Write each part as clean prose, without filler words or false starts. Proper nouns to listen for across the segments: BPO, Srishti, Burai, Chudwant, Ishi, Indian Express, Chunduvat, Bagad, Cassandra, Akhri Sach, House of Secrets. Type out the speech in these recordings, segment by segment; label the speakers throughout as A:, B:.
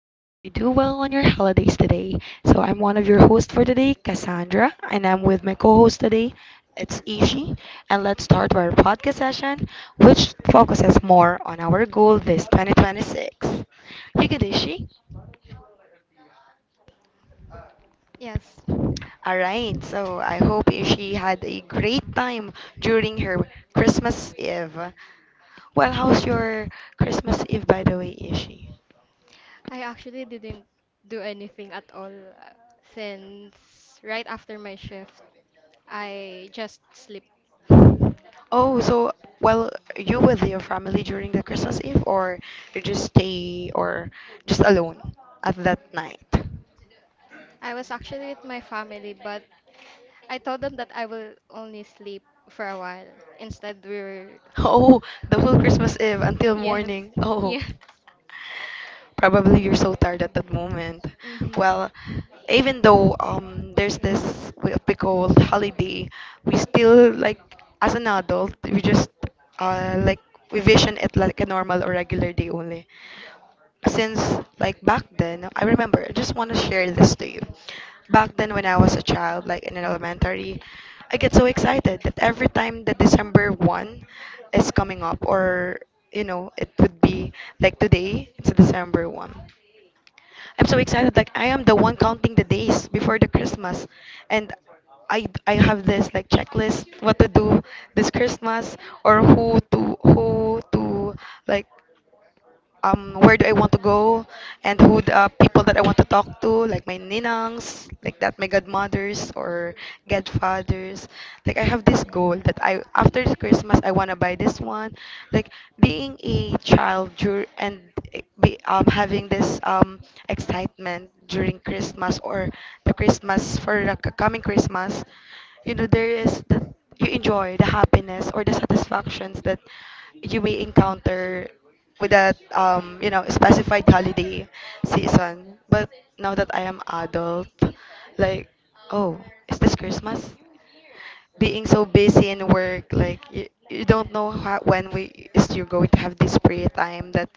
A: I hope you do well on your holidays today. So, I'm one of your hosts for today, Cassandra, and I'm with my co host today, it's Ishi. And let's start our podcast session, which focuses more on our goal this 2026. You good, Ishi?
B: Yes,
A: All right, so I hope she had a great time during her Christmas Eve. Well, how's your Christmas Eve, by the way, Ishi?
B: I actually didn't do anything at all since right after my shift, I just sleep.
A: Oh, so
B: Well,
A: well, you with your family during the Christmas Eve, or you just stay or just alone at that night?
B: I was actually with my family, but I told them that I will only sleep for a while. Instead, we were.
A: Oh, the whole
B: The
A: Christmas Eve until
B: Yes,
A: morning.
B: noon.
A: Oh,
B: Yeah.
A: probably you're so tired at that moment. Well,
B: Hmm.
A: even though there's this what we call holiday, we still like as an adult we just like we vision it like a normal or regular day only. Since like back then, I remember. I just want to share this to you. Back then, when I was a child, like in an elementary, I get so excited that every time that December one is coming up or you know it would be like today it's December 1. I'm so excited, like I am the one counting the days before the Christmas. And I have this like checklist what to do this Christmas or who to like where do I want to go and who the people that I want to talk to, like my ninangs, like that, my godmothers or godfathers. Like I have this goal that I after this Christmas I want
B: Gonna
A: to
B: buy
A: buy
B: this,
A: this one. Like being a child dur- and having this excitement during Christmas or the Christmas for the coming Christmas, you know there is that you enjoy the happiness or the satisfactions that you may encounter with that you know specified holiday season. But now that I am adult, like, oh, is this Christmas being so busy in work, like you don't know how, when we is you're going to have this free time that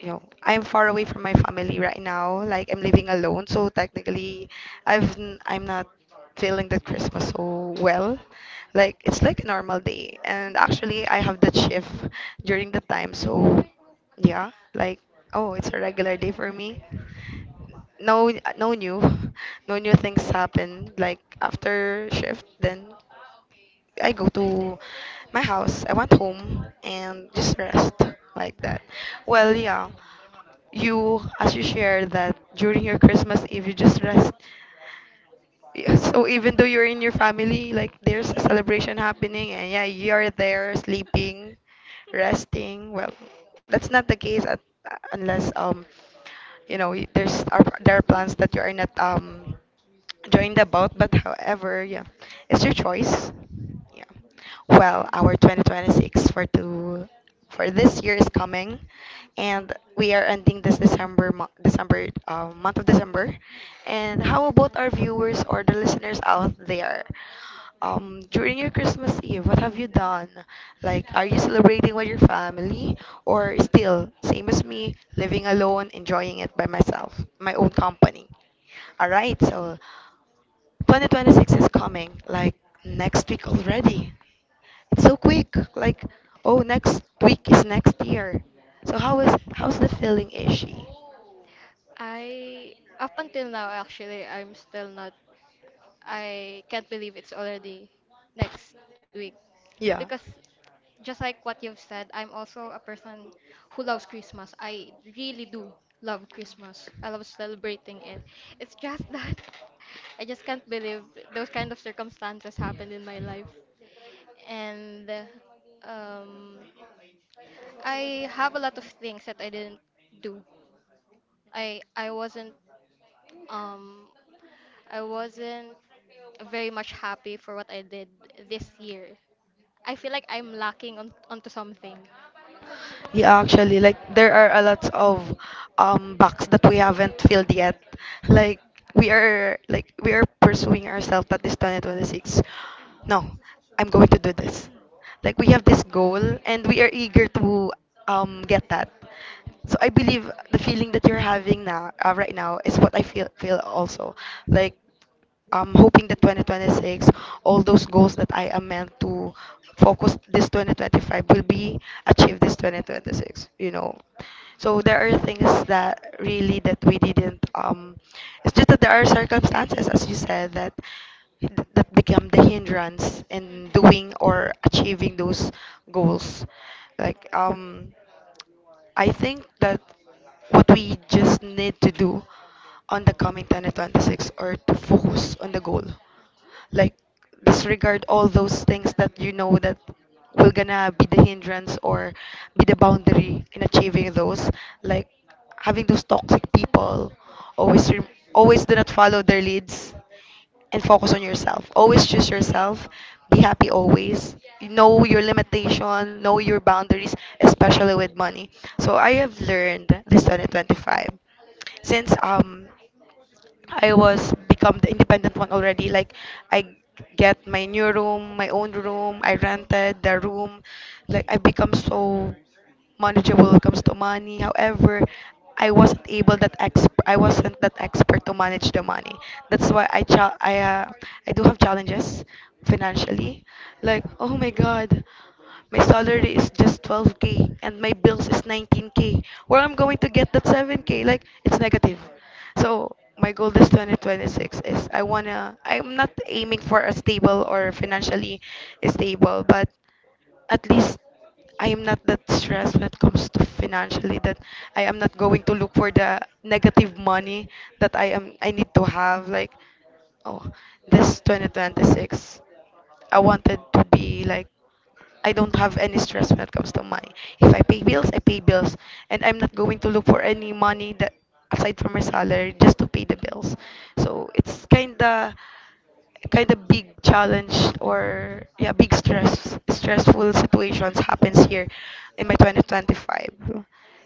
A: you know, I'm far away from my family right now. Like I'm living alone, so technically, I'm not feeling that Christmas so well. Like it's like a normal day, and
B: and
A: actually
B: actually, I
A: I
B: have.
A: have that shift during the time, so yeah, like
B: Oh,
A: oh, it's a regular day for me.
B: no,
A: No, no
B: no,
A: new,
B: no
A: no new
B: new things
A: things
B: like
A: happen. Like
B: after
A: after
B: shift.
A: shift,
B: Then,
A: then I go to my house. I went home and just rest like that.
B: well,
A: Well, yeah,
B: yeah,
A: you as you shared that during your Christmas Eve you just rest, yeah, so even though you're in your
B: really
A: family, like
B: like there's
A: there's a celebration happening and yeah, you're there sleeping, resting. Well, that's not the case at, unless you know there's are
B: there
A: there
B: are
A: are
B: plans
A: plans
B: that
A: that
B: you
A: you
B: are
A: are
B: not
A: not
B: joined
A: joined
B: about,
A: about.
B: but
A: But
B: however,
A: however,
B: yeah,
A: yeah,
B: it's
A: it's
B: your
A: your
B: choice.
A: choice. Yeah.
B: Well,
A: Well,
B: our
A: our
B: 20.
A: 2026 for this year is coming, and we are ending this December month of December. And how about our viewers or the listeners out there? During your Christmas Eve, what have you done? Like, are you celebrating with your family or still, same as me, living alone, enjoying it by myself, my own company? All right, so 2026 is coming like next week already. It's so quick. Like, oh, next week is next year. So
B: So how is Mhm. How's
A: how's the
B: the
A: feeling,
B: feeling, Ish?
A: Ishi?
B: I Up until now actually, I'm still not I can't believe it's already next week. Yeah,
A: Yeah.
B: because just like what you've said, I'm also a person who loves Christmas. I really do love Christmas. I love celebrating it. It's just that I just can't believe those kind of circumstances happened in my life. And um, I have a lot of things that I didn't do. I I wasn't um I wasn't very much happy for what I did this year. I feel like I'm lacking on onto something.
A: Yeah, actually, like there are a lot of box that we haven't filled yet. Like we are pursuing ourselves that this 2026. No, I'm going to do this. Like we have this goal and we are eager to get that. So I believe the feeling that you're having now right now is what I feel also. Like I'm hoping that 2026, all those goals that I am meant to focus this 2025 will be achieved this 2026, you know. So there are things that really that we didn't, it's just that there are circumstances, as you said, that become the hindrance in doing or achieving those goals. Like, I think that what we just need to do on the coming 2026 or to focus on the goal. Like disregard all those things that you know that will gonna be the hindrance or be the boundary in achieving those. Like having those toxic people always re- always do not follow their leads and focus on yourself. Always choose yourself. Be happy always. Know your limitation, know your boundaries, especially with money. So I have learned this 2025 since I was become the independent one already. Like I get my new room, my own room. I rented the room. Like I become so manageable when it comes to money. However, I wasn't that expert to manage the money. That's why I do have challenges financially. Like, oh my god, my salary is just 12k and my bills is 19k. Where I'm going to get that 7k? Like, it's negative. So my goal this 2026 is I'm not aiming for a stable or financially stable, but at least I am not that stressed when it comes to financially that I am not going to look for the negative money that I need to have like oh this 2026 I wanted to be like I don't have any stress when it comes to money. If I pay bills, I pay bills and I'm not going to look for any money that aside from my salary just to pay the bills. So it's kind of big challenge or yeah big stressful situations happens here in my 2025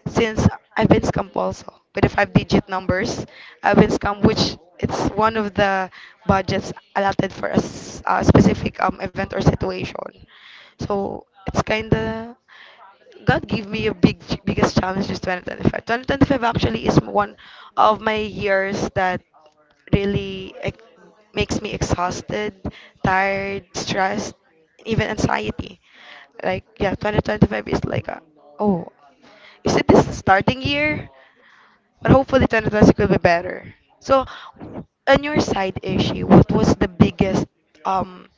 A: since I've been scammed also with the five digit numbers. I've been scammed which it's one of the budgets allotted for a specific event or situation. So it's kind of God gave me a biggest challenge is 2025. 2025 actually is one of my years that really ex- makes me exhausted, tired, stressed, even anxiety. Like yeah, 2025 is like a, oh, is it this the starting year? But hopefully 2026 will be better. So on your side, Ishi, what was the biggest um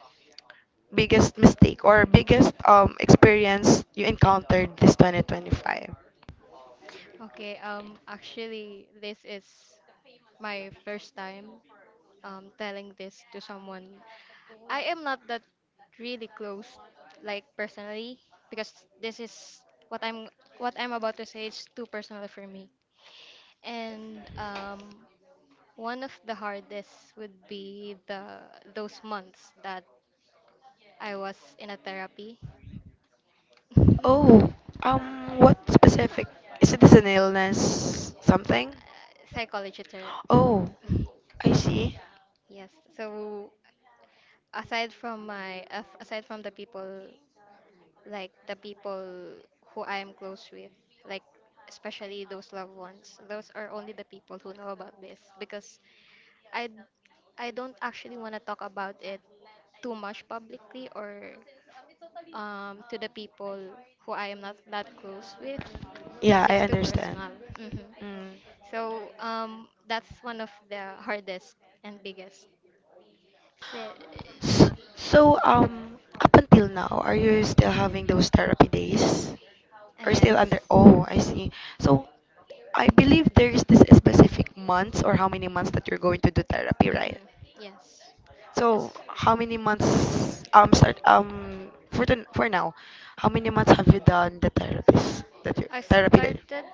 A: biggest mistake or biggest experience you encountered this 2025?
B: Okay, actually, this is my first time telling this to someone. I am not that really close, like personally, because this is what I'm what I'm about to say is too personal for me. And one of the hardest would be the those months that I was in a therapy.
A: Oh, um, what specific? Is it an illness?
B: Something.
A: Something?
B: Psychology therapy.
A: Oh, I see.
B: Yes. So aside from the people like the people who I am close with, like especially those loved ones. Those are only the people who know about this, because I I don't actually want to talk about it too much publicly, or to the people who I am not that close with.
A: Yeah, I
B: Too
A: understand.
B: personal. Hmm.
A: Mm.
B: So that's one of the hardest and biggest. So. Mm.
A: S- So, up until now, are you still having those therapy days? Or still under?
B: Yes.
A: Oh, I see. So, I believe there is this specific months or how many months that you're going to do therapy, right?
B: Mm-hmm. Yes.
A: So
B: It's,
A: how many months start for the, for now, how many months have you done the therapist that you
B: I
A: therapy that you,
B: started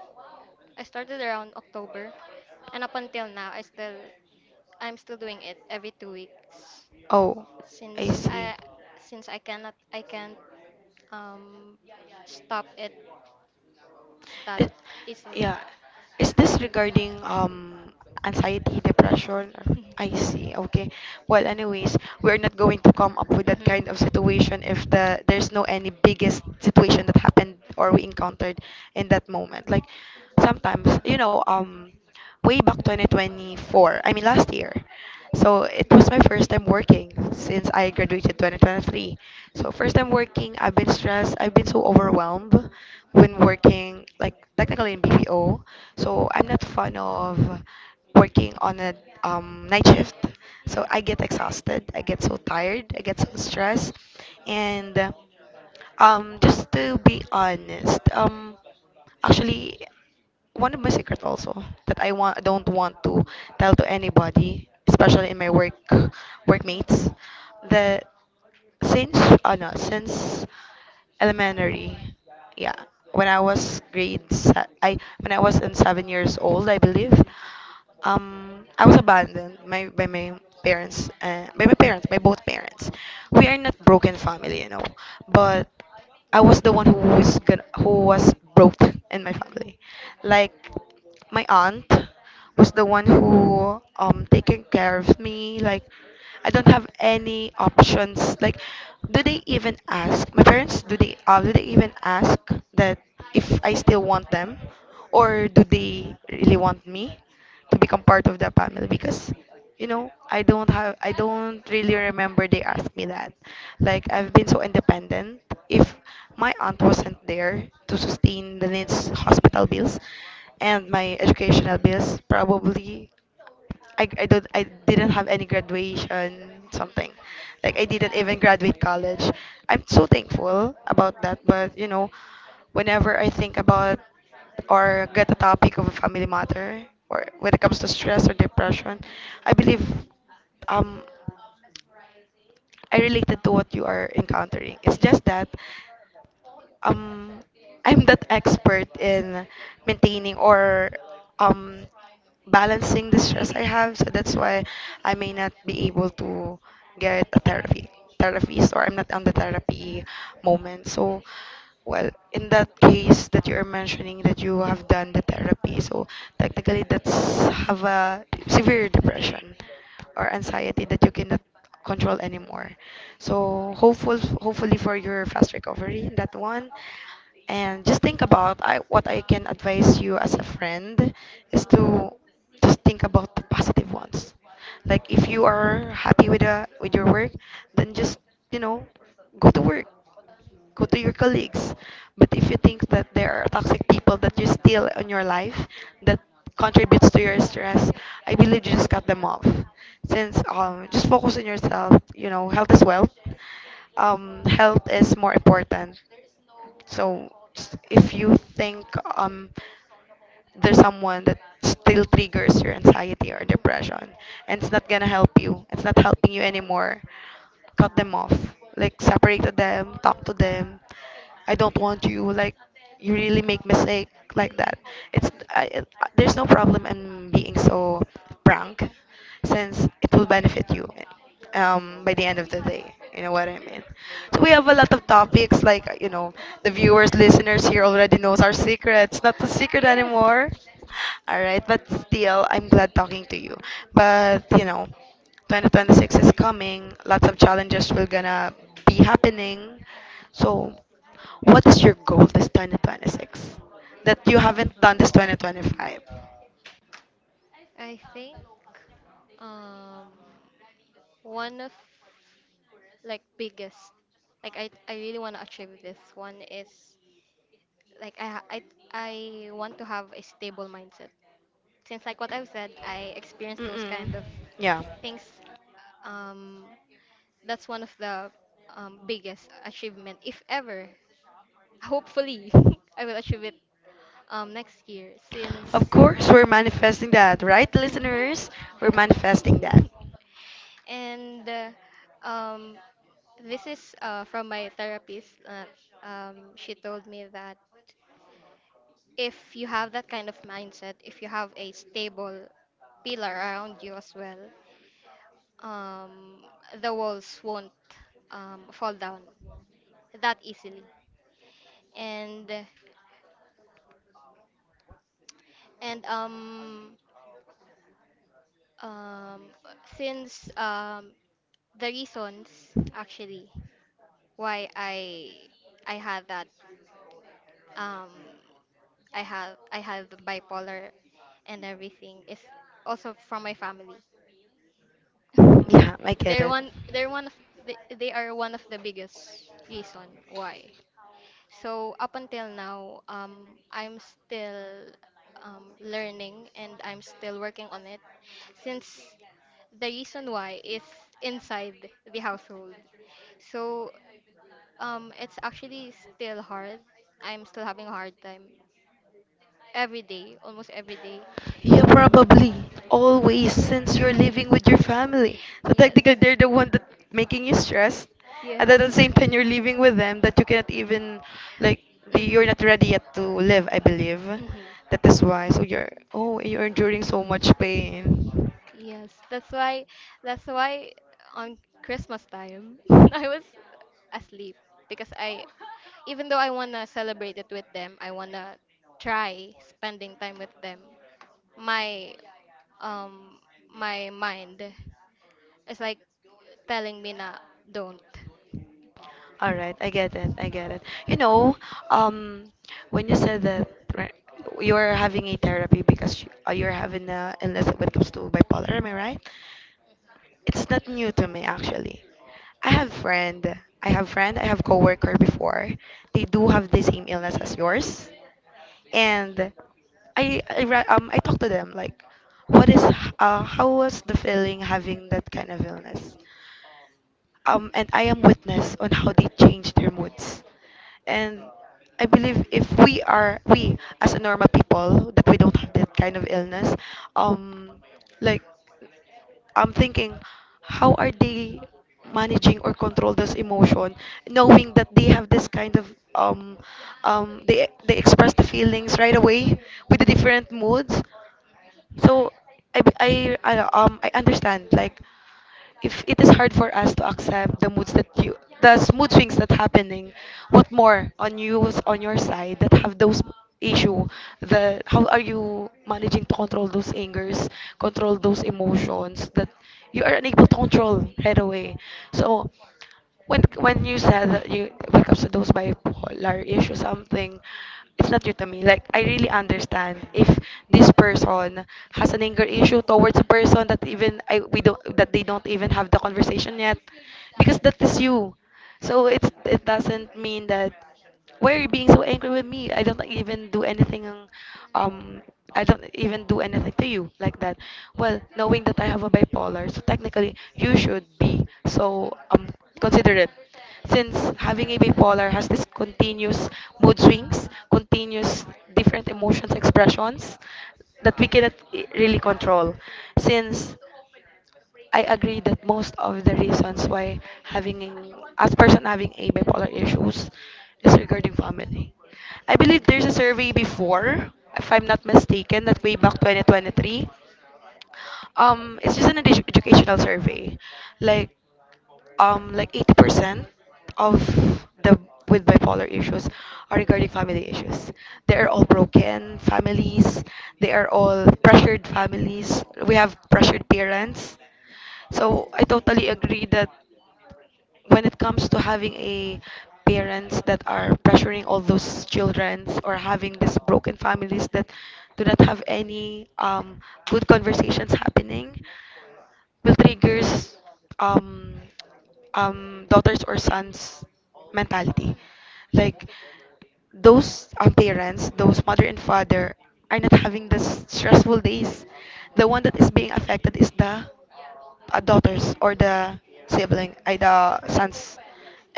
B: I started around October, and up until now I'm still doing it every 2 weeks,
A: Oh, I
B: since
A: see.
B: I since I cannot I can't um stop it that
A: It,
B: easily.
A: yeah. Is this regarding anxiety, depression? Or- I see. Okay. Well, anyways, we're not going to come up with that kind of
B: Mhm.
A: situation if the there's no any biggest situation that happened or we encountered in that moment. Like sometimes, you know, way back 2024. I mean last year. So it was my first time working since I graduated 2023. So first time working, I've been stressed, I've been so overwhelmed when working like technically in BPO. So I'm not fond of working on a night shift. So I get exhausted, I get so tired, I get so stressed and just to be honest, actually, one of my secrets also that I want don't want to tell to anybody, especially in my work workmates, that since no, since elementary, yeah, when I was grade se- I when I was in 7 years old, I believe, I was abandoned my, by my parents, by my parents, by both parents. We are not broken family, you know, but I was the one who was broke in my family. Like my aunt was the one who taking care of me, like I don't have any options. Like, do they even ask my parents? Do they even ask that if I still want them, or do they really want me to become part of the family? Because you know, I don't really remember they asked me that. Like, I've been so independent. If my aunt wasn't there to sustain the needs hospital bills and my educational bills, probably I didn't have any graduation something like I didn't even graduate college. I'm so thankful about that, but you know, whenever I think about or get a topic of a family matter or when it comes to stress or depression, I believe um I related to what you are encountering. It's just that um I'm not expert in maintaining or um balancing the stress I have. So that's why I may not be able to get a therapy therapist or I'm not on the therapy moment. Well, in that case that you're mentioning that you have done the therapy, so technically that's have a severe depression or anxiety that you cannot control anymore. So hopefully for your fast recovery in that one, and just think about what I can advise you as a friend is to just think about the positive ones. Like if you are happy with your work, then just you know go to work, go to your colleagues. But if you think that there are toxic people that you still in your life that contributes to your stress, I believe you just cut them off. Since just focus on yourself. You know, health is wealth. Health is more important, so if you think um there's someone that still triggers your anxiety or depression and it's not gonna help you, it's not helping you anymore, cut them off, like separated them, talk to them. I don't want you. Like you really make mistake like that. It's I, it, there's no problem in being so frank, since it will benefit you by the end of the day. You know what I mean? So we have a lot of topics like the viewers, listeners here already knows our secrets. Not a secret
B: Yes.
A: anymore. All right, but still, I'm glad talking to you. But you know, 2026 is coming. Lots of challenges will gonna be happening. So, what is your goal this 2026 that you haven't done this 2025?
B: I think um one of like biggest, like I really want to achieve this one is, like, I ha- I want to have a stable mindset. Since, like what I've said, I experienced those
A: Mm-mm.
B: kind of
A: Yeah.
B: things. um That's one of the biggest achievement, if ever. Hopefully, I will achieve it next year
A: Of
B: since.
A: course, we're manifesting that, right,
B: Mhm.
A: listeners? We're
B: Yes.
A: manifesting that.
B: And um, this is from my therapist. She told me that if you have that kind of mindset, if you have a stable pillar around you as well, um, the walls won't fall down that easily. and and um since the reasons, actually, why I have that, um I have bipolar, and everything is also from my family.
A: Yeah, I get
B: they're
A: it.
B: one they're one of they are one of the biggest reason why. So up until now, I'm still learning, and I'm still working on it, since the reason why is inside the household. So it's actually still hard. I'm still having a hard time every day, almost every day.
A: Yeah, probably. Always, since you're living with your family. So
B: Yes.
A: technically, they're the one that making you stressed. And then at the
B: Yes.
A: same time, you're living with them that you cannot even, like, you're
B: Hmm.
A: not ready yet to live, I believe.
B: Hmm.
A: That is why. So you're, oh, you're enduring so much pain.
B: Yes, that's why on Christmas time I was asleep because, I even though I wanna celebrate it with them, I wanna try spending time with them. My um my mind is like telling me na don't.
A: All right, I get it. I get it. You know, um, when you said that right, you're having a therapy because you're having a illness when it comes to bipolar, am I right? It's not new to me actually. I have friend, I have coworker before. They do have the same illness as yours, and I talk to them like, what is how was the feeling having that kind of illness? And I am witness on how they change their moods. And I believe if we as a normal people that we don't have that kind of illness, um, like I'm thinking, how are they managing or control this emotion, knowing that they have this kind of um, they express the feelings right away with the different moods. So I I I I understand like if it is hard for us to accept the moods that you the mood swings that happening, what more on you on your side that have those issue. The How are you managing to control those angers, control those emotions that you are unable to control right away? So when you said that you when it comes to those bipolar issue something, it's not new to me. Like I really understand if this person has an anger issue towards a person that even I we don't that they don't even have the conversation yet, because that is you. So it doesn't mean that why are you being so angry with me? I don't even do anything. Um, I don't even do anything to you like that. Well, knowing that I have a bipolar, so technically you should be so um considerate. Since having a bipolar has this continuous mood swings, continuous different emotions expressions that we cannot really control. Since I agree that most of the reasons why having a person having a bipolar issues is regarding family. I believe there's a survey before, if I'm not mistaken, that way back 2023. It's just an educational survey. Like 80% of the with bipolar issues are regarding family issues. They are all broken families. They are all pressured families. We have pressured parents, so I totally agree that when it comes to having a parents that are pressuring all those children, or having these broken families that do not have any good conversations happening, will triggers um, daughters or sons mentality. Like those parents, those mother and father, are not having the stressful days. The one that is being affected is the daughters or the
B: Sibling. I, yes, got
A: the
B: some,
A: sons,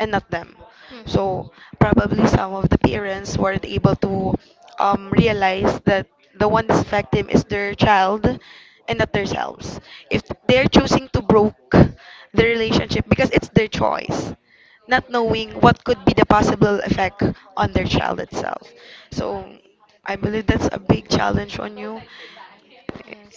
B: and not
A: not
B: that.
A: them.
B: Mm-hmm. So.
A: So probably some of the parents weren't able to realize that the one that's affected is their child and not themselves. If they're choosing to broke the relationship because it's their choice, not knowing what could be the possible effect on their child itself. So I believe that's a big challenge on you,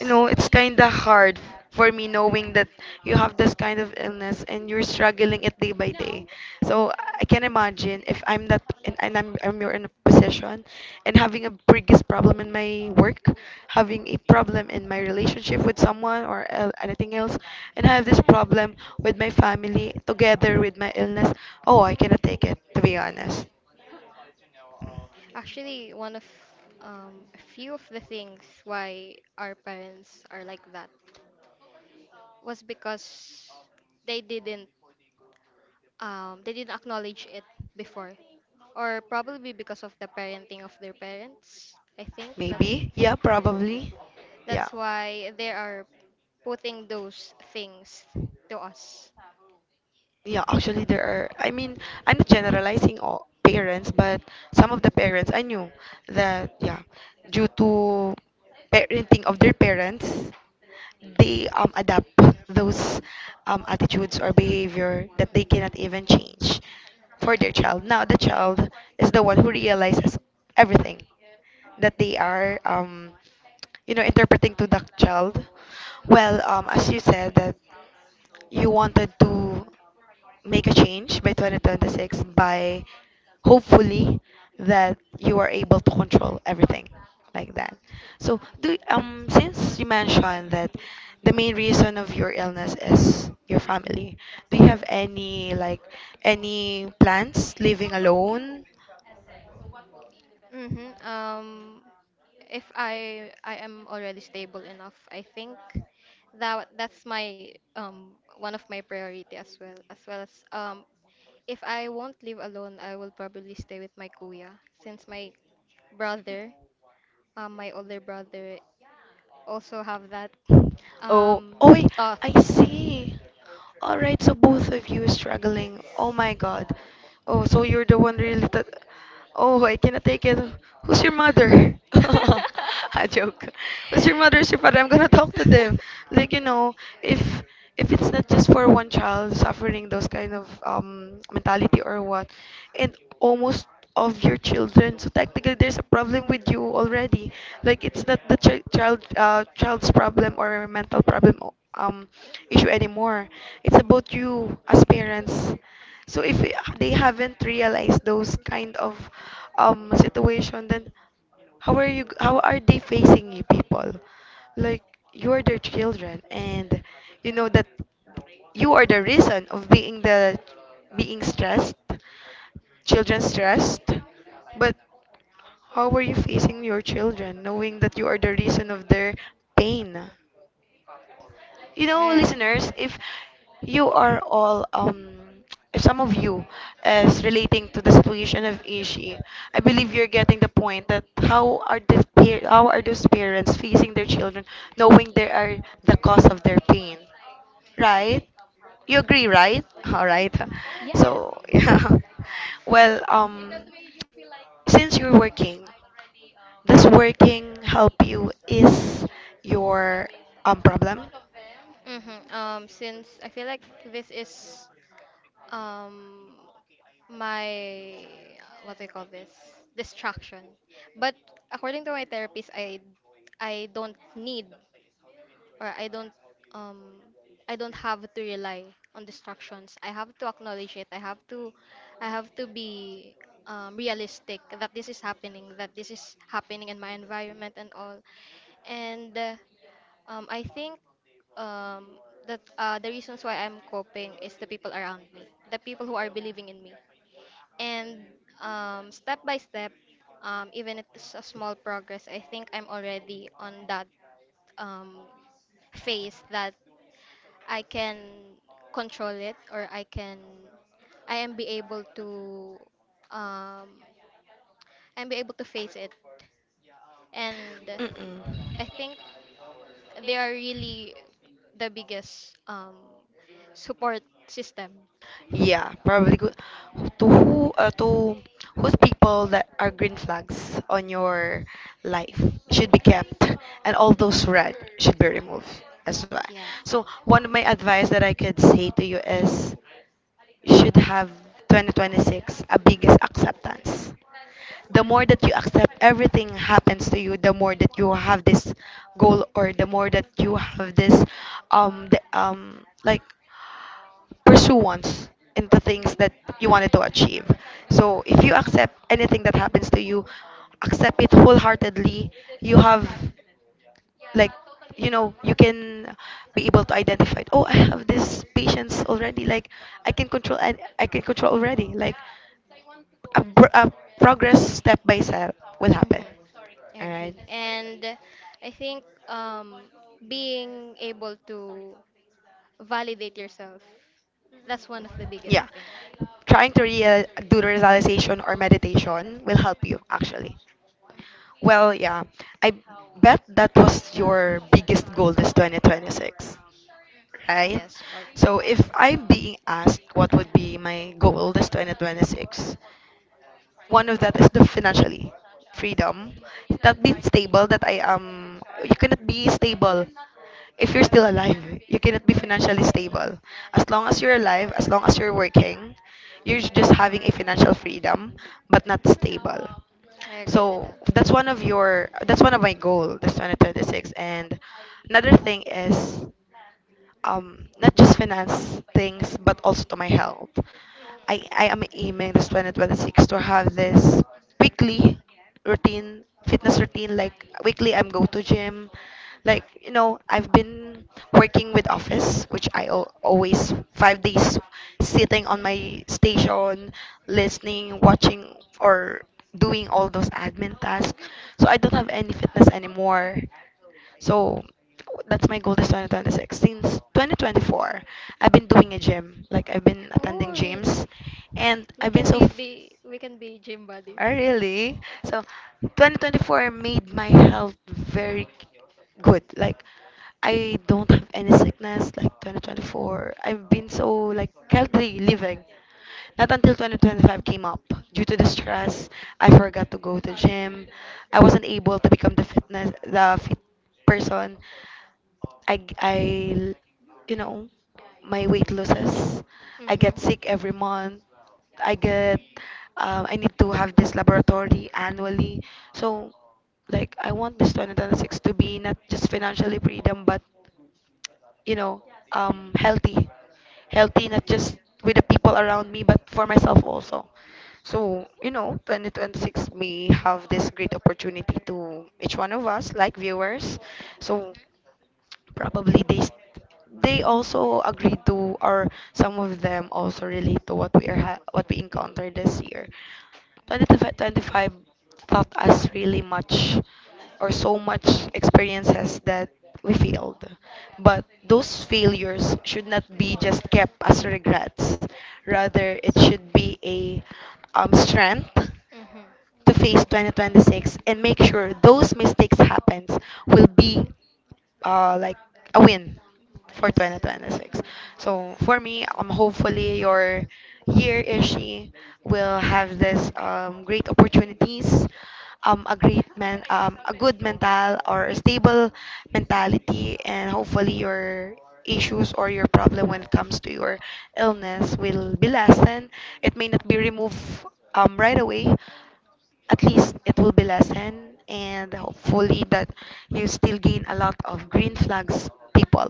A: you know. It's kind of hard for me knowing that you have this kind of illness and you're struggling it day by day. So I can imagine if I'm that and I'm you're in a position and having a biggest problem in my work, having a problem in my relationship with someone or anything else, and have this problem with my family together with my illness. Oh, I cannot take it, to be honest.
B: Actually, one of a few of the things why our parents are like that was because they didn't they didn't acknowledge it before, or probably because of the parenting of their parents. I think that
A: Maybe, yeah, probably. Yeah.
B: that's why they are putting those things to us.
A: Yeah, actually, there are. I mean, I'm not generalizing all parents, but some of the parents I knew that, yeah, due to parenting of their parents, they adapt those attitudes or behavior that they cannot even change for their child. Now, the child is the one who realizes everything that they are, interpreting to the child. Well, as you said that you wanted to make a change by 2026 by hopefully that you are able to control everything like that. So do
B: Yes.
A: since you mentioned that the main reason of your illness is your family, do you have any like any plans living alone?
B: hmm Um, if I am already stable enough, I think that that's my one of my priority, as well, as well as if I won't live alone, I will probably stay with my kuya, since my brother, my older brother, also have that
A: Oh,
B: um
A: oh, I
B: thought.
A: I see. All right, so both of you
B: Yes.
A: struggling. Oh my God. Oh, so you're the one really that. Oh, I cannot take it. Who's your mother? I joke. Who's your mother? Who's your father? I'm gonna talk to them. Like you know, if if it's not just for one child suffering those kind of mentality or what, and almost of your children, so technically there's a problem with you already. Like it's not the child's problem or mental problem issue anymore. It's about you as parents. So if they haven't realized those kind of situation, then how are you? How are they facing you, people? Like you are their children, and you know that you are the reason of being stressed, children stressed. But how are you facing your children, knowing that you are the reason of their pain? You know,
B: Oh,
A: listeners, if you are all, if some of you is relating to the situation of Ishi, I believe you're getting the point that how are these how are those parents facing their children, knowing they are the cause of their pain, right? You agree, right? All right.
B: yes.
A: So yeah. Well, since you're working, does working help you is your problem?
B: Mm-hmm. Since I feel like this is um my, what do you call this, distraction, but according to my therapist, I don't need, or um I don't have to rely on distractions. I have to acknowledge it. I have to be realistic that this is happening, in my environment and all. And I think um, that the reasons why I'm coping is the people around me, the people who are believing in me. And step by step, even if it's a small progress, I think I'm already on that um, phase that I can control it or I can, I am be able to, um, I'm be able to face it. And
A: Mm-mm.
B: I think they are really the biggest support system.
A: Yeah, probably good. To whose people that are green flags on your life should be kept, and all those red should be removed as well.
B: Yeah.
A: So one of my
B: Mm-hmm.
A: advice that I could say to you is, you should have 2026 a biggest acceptance. The more that you accept everything happens to you, the more that you have this goal, or the more that you have this, like pursuance in the things that you wanted to achieve. So if you accept anything that happens to you, accept it wholeheartedly. You have like you know you can be able to identify, oh, I have this patience already. Like I can control, and I can control already, like a progress step by step will happen.
B: I
A: All right.
B: agree. And I think being able to validate yourself, that's one of the biggest
A: Yeah,
B: thing.
A: trying to real do the realization or meditation will help you actually. Well, yeah, I bet that was your biggest goal this 2026, right?
B: Yes, part.
A: So if I'm being asked what would be my goal this 2026, one of that is the financially freedom. That being stable that I am you cannot be stable if you're still alive. You cannot be financially stable. As long as you're alive, as long as you're working, you're just having a financial freedom but not stable.
B: I agree to
A: So
B: that.
A: that's one of your that's one of my goal, this 2026. And another thing is not just finance things, but also to my health. I am aiming this 2026 to have this weekly routine, fitness routine. Like weekly, I'm go to gym. I've been working with office, which I al always five days sitting on my station, listening, watching, or doing all those admin tasks. So I don't have any fitness anymore. So that's my goal this 2026. Since 2024, I've been doing a gym. Like I've been
B: Oh,
A: attending gyms
B: really?
A: and I've been so.
B: We can be gym buddies.
A: Oh, really? So 2024 made my health very good. Like I don't have any sickness like 2024. I've been so like healthy living. Not until 2025 came up. Due to the stress, I forgot to go to gym. I wasn't able to become the fit person. I, I, you know, my weight losses.
B: I
A: I
B: get,
A: get
B: mhm,
A: sick
B: sick
A: every
B: every month.
A: month. I get, I need to have this laboratory annually. So, like, I want this 2026 to be not just financially freedom, but, you know, healthy. Healthy, not just with the people around me, but for myself also. So, 2026, we have this great opportunity to each one of us, like viewers. So, probably they also agreed to, or some of them also relate to what we are what we encountered this year. 2025 taught us really much or so much experiences that we failed. But those
B: Those
A: failures should not be just kept as regrets.
B: Rather,
A: Rather,
B: it
A: it
B: should
A: should be
B: be a
A: a
B: strength,
A: strength
B: mhm, to
A: to
B: face
A: face
B: 2026
A: 2026 and
B: and
A: make
B: make sure
A: sure
B: those,
A: those mistakes happens will be like a win
B: for
A: for
B: Yes.
A: 2026.
B: 2026. So
A: So for
B: for
A: me,
B: me, hope
A: hopefully your year Ishi will have this great opportunities, a great a good mental or a stable mentality, and hopefully your issues or your problem when it comes to your illness will be lessened. It may not be removed right away, at least it will be lessened, and hopefully that you still gain a lot of green flags people,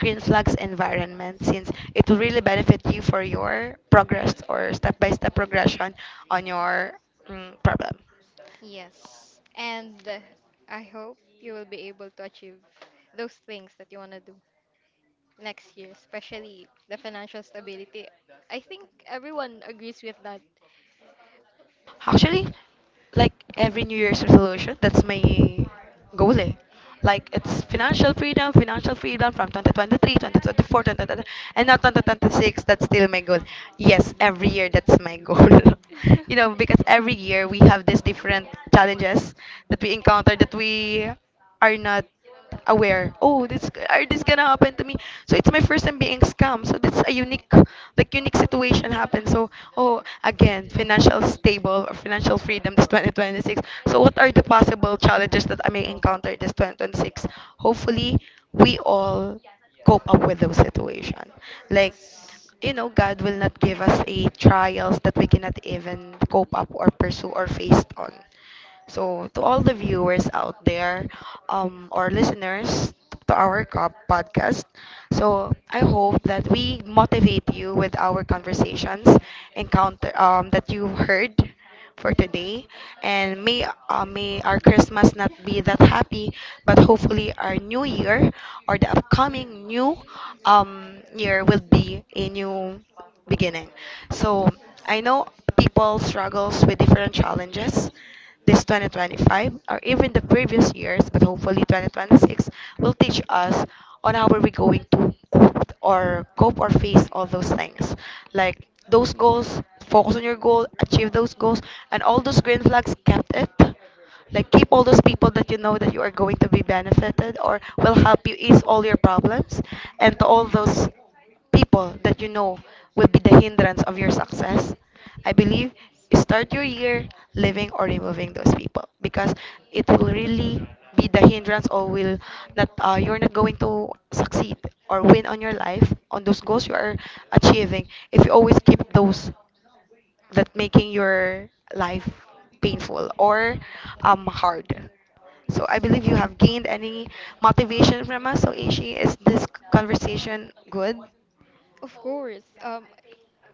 A: green flags
B: is environment
A: environment,
B: is
A: since it
B: it's
A: will really
B: really bad.
A: benefit you for your progress or step by step progression on your problem.
B: Yes. And I hope you will be able to achieve those things that you want to do next year, especially the financial stability. I think everyone agrees with that.
A: Actually, like every New Year's resolution, that's my goal. Eh. Like it's financial freedom from 2023, 2024, and now 2026. That's still my goal.
B: Yes.
A: Yes,
B: Mhm.
A: every
B: Every
A: year
B: year that's
A: that's
B: my
A: my
B: goal.
A: goal. You
B: you know,
A: know, because
B: because
A: every
B: every year
A: year we
B: we use
A: have these
B: different
A: different
B: challenges.
A: challenges that we encounter that we are not aware. Oh, this are this gonna happen to me? So it's my first time being scammed. So that's a unique, like unique situation happened. So oh, again, financial stable or financial freedom this 2026. So what are the possible challenges that I may encounter this 2026? Hopefully, we all cope up with those situations. Like
B: Yes.
A: God will not give us a trials that we cannot even cope up or pursue or faced on. So, to all the viewers out there, or listeners to our podcast, so I hope that we motivate you with our conversations, encounter that you heard for today, and may our Christmas not be that happy, but hopefully our new year or the upcoming new year will be a new beginning. So I know people struggles with different challenges, this 2025, or even the previous years, but hopefully 2026 will teach us on how are we going to cope or face all those things. Like those goals, focus on your goal, achieve those goals, and all those green flags kept it, like keep all those people that you know that you are going to be benefited or will help you ease all your problems, and to all those people that you know will be the hindrance of your success, I believe
B: Yes. It's
A: start your year living or removing those people, because it will really be the hindrance or will not you're not going to succeed or win on your life on those goals you are achieving if you always keep those that making your life painful
B: painful. So
A: or hard.
B: I,
A: So I
B: yes,
A: believe
B: believe
A: you
B: you have
A: have gained
B: gained any
A: any motivation from us. So Ishi, is this
B: modest conversation.
A: conversation good?
B: Of course.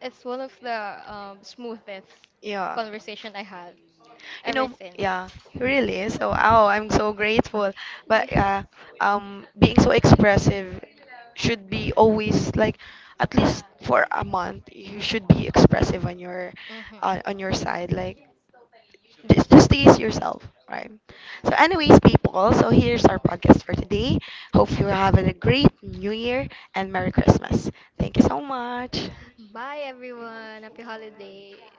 B: It's one of the smoothest
A: Yeah.
B: conversation I had
A: You
B: ever
A: know,
B: since.
A: yeah,
B: Okay,
A: really.
B: so
A: So, oh,
B: oh,
A: I'm so grateful.
B: I'm
A: But
B: yes.
A: being so expressive should be always like at least for a month. You should be expressive on your
B: Mm-hmm.
A: on your side. Like just tease yourself, right? So, anyways, people. So here's our podcast for today. Hope you're having a great New Year and Merry Christmas. Thank you so much.
B: Bye, everyone. Happy holiday.